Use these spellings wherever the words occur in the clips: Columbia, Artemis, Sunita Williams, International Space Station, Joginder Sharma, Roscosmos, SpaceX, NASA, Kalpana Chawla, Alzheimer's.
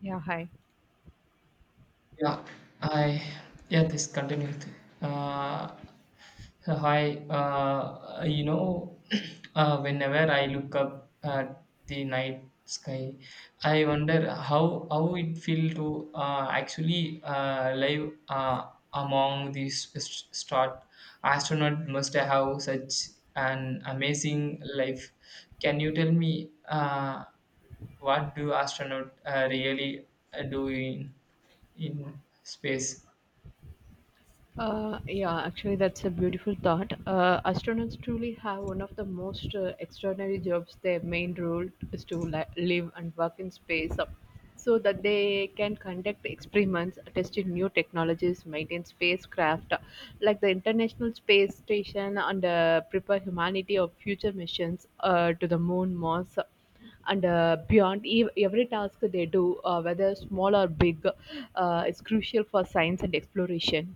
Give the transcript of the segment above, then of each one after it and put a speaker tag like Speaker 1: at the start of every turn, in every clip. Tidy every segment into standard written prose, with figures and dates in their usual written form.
Speaker 1: Yeah, hi.
Speaker 2: Yeah, I yeah this continued. Uh, Hi, whenever I look up at the night sky, I wonder how it feel to actually live among these start. Astronaut must have such an amazing life. Can you tell me what do astronaut really do in? In space.
Speaker 1: Yeah, actually, that's a beautiful thought. Astronauts truly have one of the most extraordinary jobs. Their main role is to live and work in space, so that they can conduct experiments, test new technologies, maintain spacecraft like the International Space Station, and prepare humanity of future missions to the moon, Mars, and beyond every task they do, whether small or big, is crucial for science and exploration.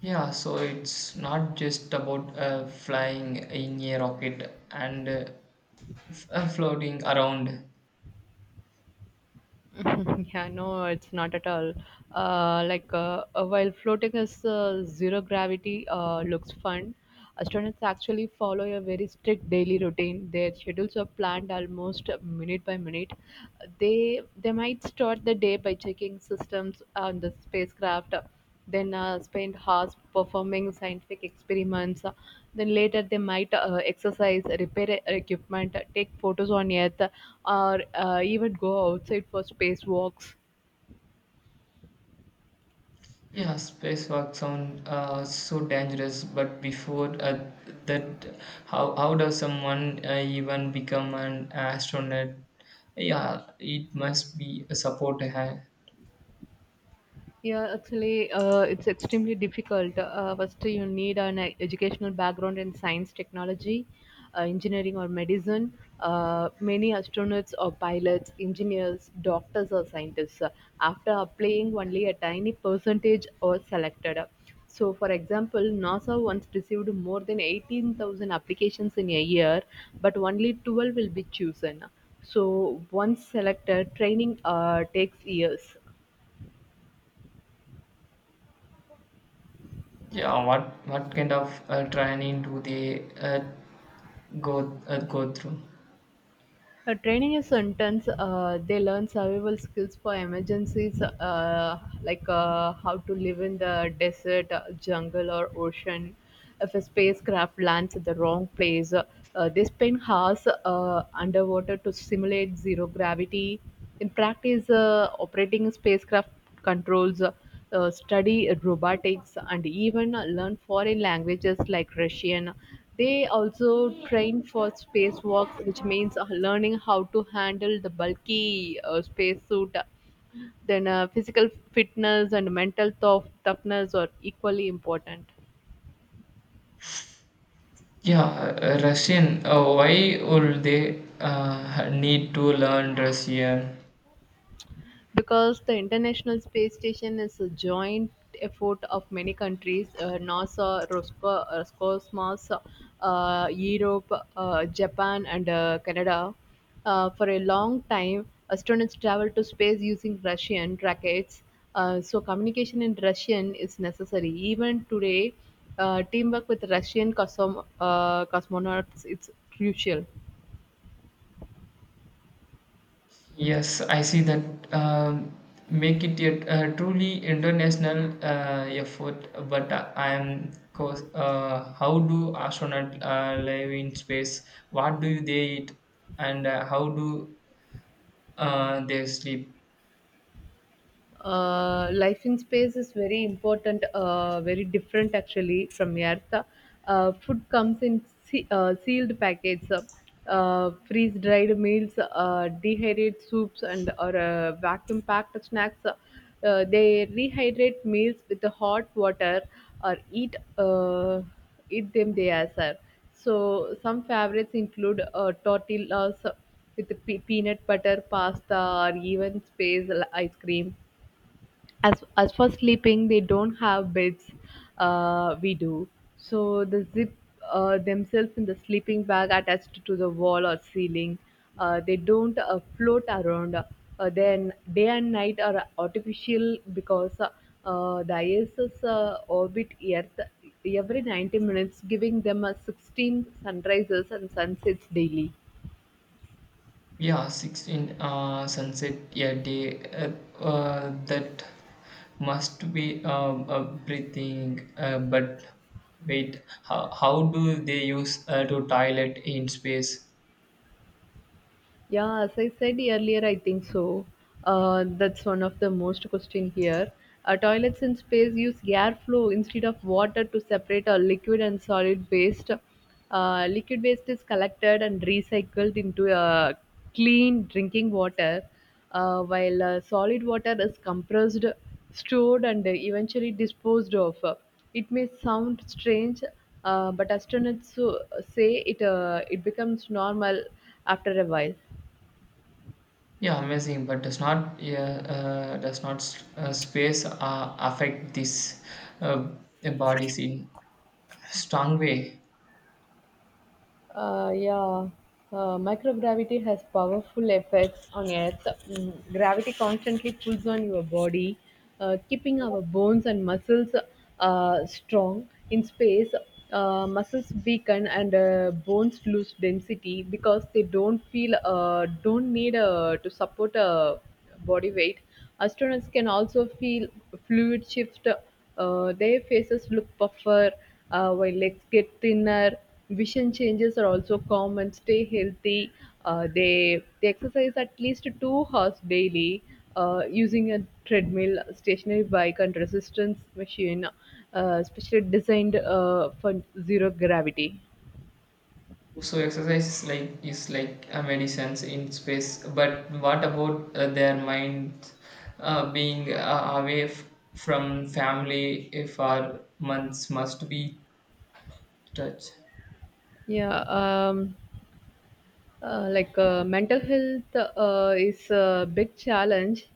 Speaker 2: Yeah, so it's not just about flying in a rocket and floating around.
Speaker 1: Yeah, no, it's not at all. While floating is, zero gravity looks fun. Astronauts actually follow a very strict daily routine. Their schedules are planned almost minute by minute. They might start the day by checking systems on the spacecraft, then spend hours performing scientific experiments. Then later they might exercise, repair equipment, take photos on Earth, or even go outside for spacewalks.
Speaker 2: Yeah, spacewalk sound so dangerous, but before that, how does someone even become an astronaut? Yeah, it must be a support.
Speaker 1: Yeah, actually, it's extremely difficult. First, you need an educational background in science, technology, engineering, or medicine. Many astronauts or pilots, engineers, doctors, or scientists, after applying, only a tiny percentage are selected. So, for example, NASA once received more than 18,000 applications in a year, but only 12 will be chosen. So, once selected, training takes years.
Speaker 2: Yeah, what kind of training do they go through?
Speaker 1: Training is intense. They learn survival skills for emergencies, like how to live in the desert, jungle, or ocean. If a spacecraft lands at the wrong place, they spend hours underwater to simulate zero gravity. In practice, operating a spacecraft controls, study robotics, and even learn foreign languages like Russian. They also train for spacewalks, which means learning how to handle the bulky spacesuit. Then physical fitness and mental toughness are equally important.
Speaker 2: Yeah, Russian. Why would they need to learn Russian?
Speaker 1: Because the International Space Station is a joint effort of many countries: NASA, Roscosmos, Europe, Japan, and Canada. For a long time, astronauts traveled to space using Russian rockets. So, communication in Russian is necessary. Even today, teamwork with Russian cosmonauts is crucial.
Speaker 2: Yes, I see that. Um, Make it a truly international effort. But I am, cause, how do astronauts live in space? What do they eat, and how do they sleep?
Speaker 1: Life in space is very important, very different actually from Earth. Food comes in sealed packets, freeze dried meals, dehydrated soups, and or vacuum packed snacks. They rehydrate meals with the hot water or eat, eat them they as are. So some favorites include tortillas with peanut butter pasta or even space ice cream. As for sleeping, they don't have beds we do, so they zip themselves in the sleeping bag attached to the wall or ceiling. They don't float around. Then day and night are artificial because the ISS orbit Earth every 90 minutes, giving them a 16 sunrises and sunsets daily.
Speaker 2: Yeah, 16 sunset a day that must be a breathing. But wait, how do they use to toilet in space?
Speaker 1: Yeah, as I said earlier, I think so. That's one of the most question here. Toilets in space use airflow instead of water to separate a liquid and solid waste. Liquid waste is collected and recycled into a clean drinking water, while solid water is compressed, stored, and eventually disposed of. It may sound strange, but astronauts say it becomes normal after a while.
Speaker 2: Yeah, amazing. But does not yeah, does not space affect this uh, body in strong way?
Speaker 1: Uh, yeah, Microgravity has powerful effects on Earth. Mm, gravity constantly pulls on your body, keeping our bones and muscles strong. In space, muscles weaken and bones lose density because they don't feel don't need to support body weight. Astronauts can also feel fluid shift. Their faces look puffer, while legs get thinner. Vision changes are also common. Stay healthy. They exercise at least 2 hours daily, using a treadmill, stationary bike, and resistance machine, specially designed for zero gravity.
Speaker 2: So exercise is like a medicine in space. But what about their minds being away from family for months must be touched.
Speaker 1: Yeah. Um, Mental health is a big challenge.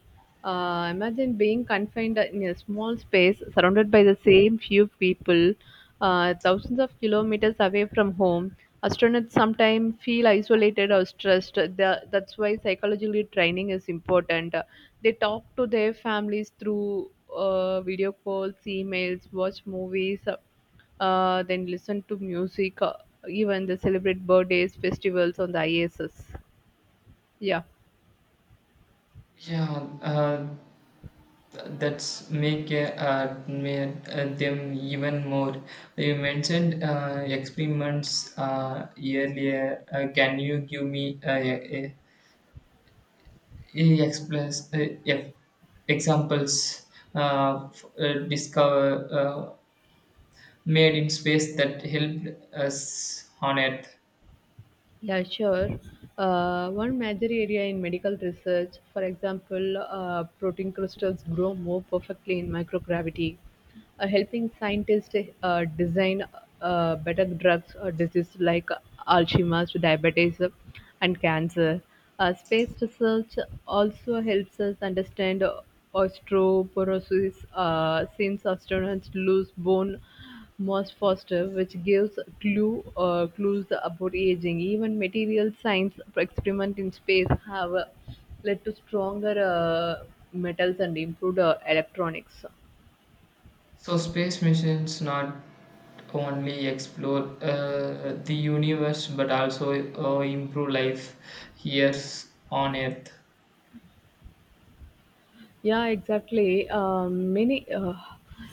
Speaker 1: Imagine being confined in a small space surrounded by the same few people, thousands of kilometers away from home. Astronauts sometimes feel isolated or stressed. That's why psychologically training is important. They talk to their families through video calls, emails, watch movies, then listen to music, even they celebrate birthdays, festivals on the ISS. Yeah.
Speaker 2: Yeah, uh, that's make them even more. You mentioned experiments earlier. Can you give me a, He explains examples discover made in space that helped us on Earth.
Speaker 1: Yeah, sure. One major area in medical research, for example, protein crystals grow more perfectly in microgravity, helping scientists design better drugs or diseases like Alzheimer's, diabetes, and cancer. Space research also helps us understand osteoporosis, since astronauts lose bone Moss Foster, which gives clue, clues about aging. Even material science experiments in space have led to stronger metals and improved electronics.
Speaker 2: So space missions not only explore the universe but also improve life here on Earth.
Speaker 1: Yeah, exactly.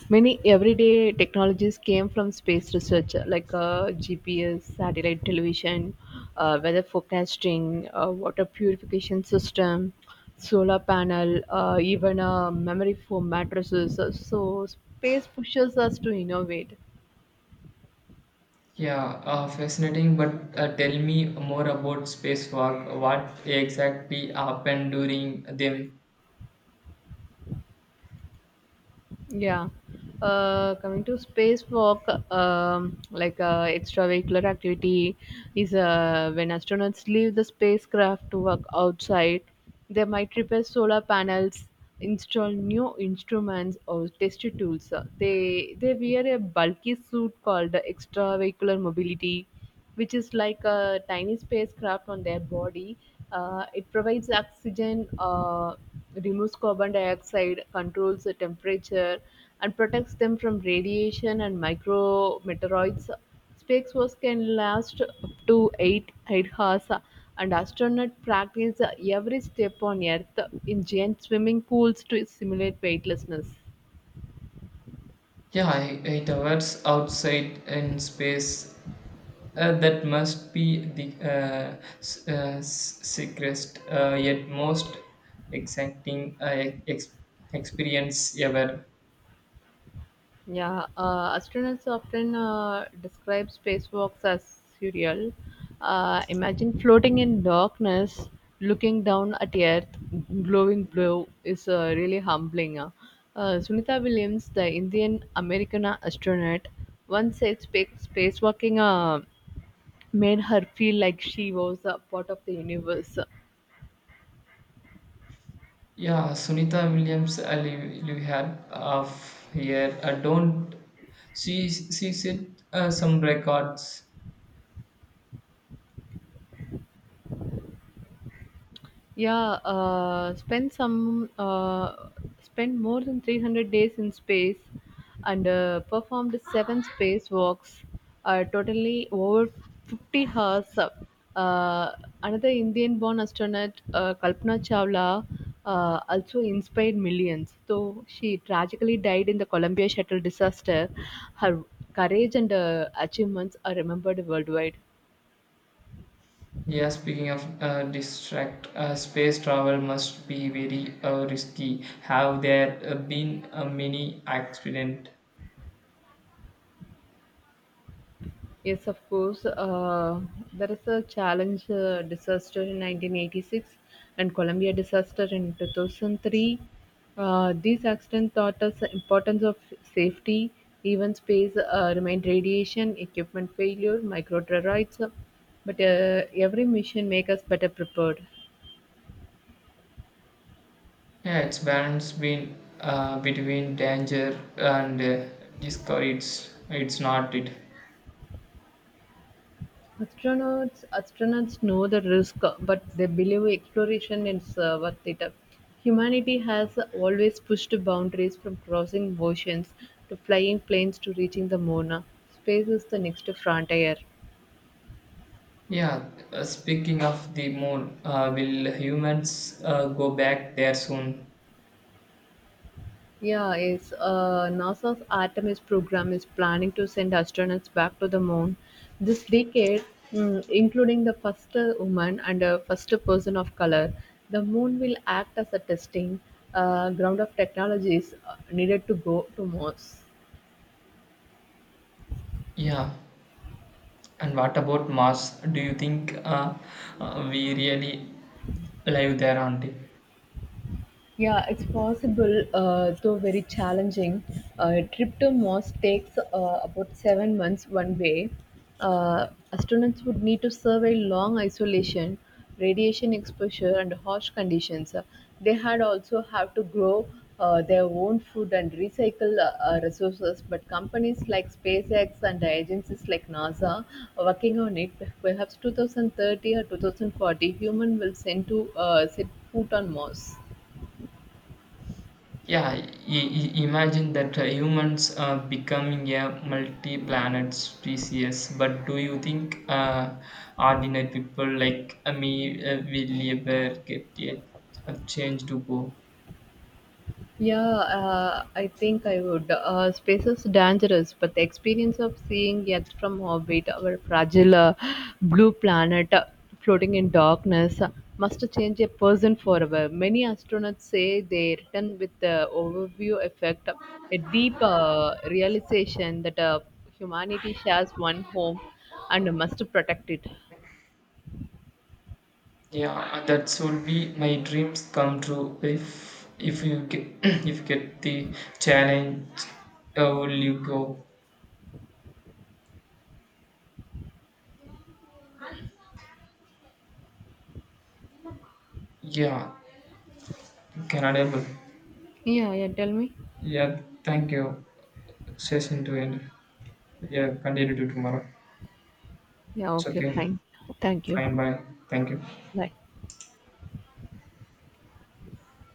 Speaker 1: Many everyday technologies came from space research, like GPS, satellite television, weather forecasting, water purification system, solar panel, even memory foam mattresses. So space pushes us to innovate.
Speaker 2: Yeah, fascinating. But tell me more about spacewalk. What exactly happened during them?
Speaker 1: Yeah. Coming to spacewalk, extravehicular activity, is when astronauts leave the spacecraft to work outside, they might repair solar panels, install new instruments, or test tools. They wear a bulky suit called extravehicular mobility, which is like a tiny spacecraft on their body. It provides oxygen, removes carbon dioxide, controls the temperature, and protects them from radiation and micrometeoroids. Spacewalks can last up to 8 hours, and astronauts practice every step on Earth in giant swimming pools to simulate weightlessness.
Speaker 2: 8 hours outside in space. That must be the sickest yet most exciting experience ever.
Speaker 1: Yeah, astronauts often describe spacewalks as surreal. Imagine floating in darkness, looking down at Earth, glowing blue, is really humbling. Sunita Williams, the Indian American astronaut, once said spacewalking made her feel like she was a part of the universe.
Speaker 2: Yeah, Sunita Williams, I live here of here. I don't she said some records.
Speaker 1: Yeah, uh, spend some, uh, Spend more than 300 days in space and performed seven space walks, totally over 50 hours. Uh, Another Indian born astronaut, Kalpana Chawla, also inspired millions, though she tragically died in the Columbia shuttle disaster. Her courage and achievements are remembered worldwide.
Speaker 2: Yeah, speaking of distract, space travel must be very risky. Have there been many accident?
Speaker 1: Yes, of course. There is a challenge disaster in 1986 and Columbia disaster in 2003. These accidents taught us the importance of safety, even space, remained radiation, equipment failure, micro terrorites. But every mission make us better prepared.
Speaker 2: Yeah, it's balance been between danger and discovery. It's not it.
Speaker 1: Astronauts know the risk, but they believe exploration is worth it. Humanity has always pushed boundaries from crossing oceans to flying planes to reaching the moon. Space is the next frontier.
Speaker 2: Yeah, speaking of the moon, will humans go back there soon?
Speaker 1: Yeah, it's NASA's Artemis program is planning to send astronauts back to the moon this decade, mm, including the first woman and first person of color. The moon will act as a testing ground of technologies needed to go to Mars.
Speaker 2: Yeah, and what about Mars? Do you think we really live there, Auntie?
Speaker 1: Yeah, it's possible, though very challenging. Trip to Mars takes about 7 months one way. Uh, Astronauts would need to survey long isolation, radiation exposure, and harsh conditions. They had also have to grow their own food and recycle resources. But companies like SpaceX and agencies like NASA are working on it. Perhaps 2030 or 2040, human will send to set foot on Mars.
Speaker 2: Yeah, imagine that humans are becoming a multi-planet species. But do you think ordinary people like me will ever get a change to go?
Speaker 1: Yeah, I think I would. Space is dangerous, but the experience of seeing it from orbit, our fragile blue planet floating in darkness, must change a person forever. Many astronauts say they return with the overview effect, a deep realization that humanity shares one home and must protect it.
Speaker 2: Yeah, that should be my dreams come true. If you get if you get the challenge, will you go? Yeah, Canada.
Speaker 1: Yeah, yeah, tell me.
Speaker 2: Yeah, thank you. Session to end. Yeah, continue to tomorrow.
Speaker 1: Yeah,
Speaker 2: It's
Speaker 1: okay,
Speaker 2: okay.
Speaker 1: fine. Thank you.
Speaker 2: Fine, bye. Thank you.
Speaker 1: Bye.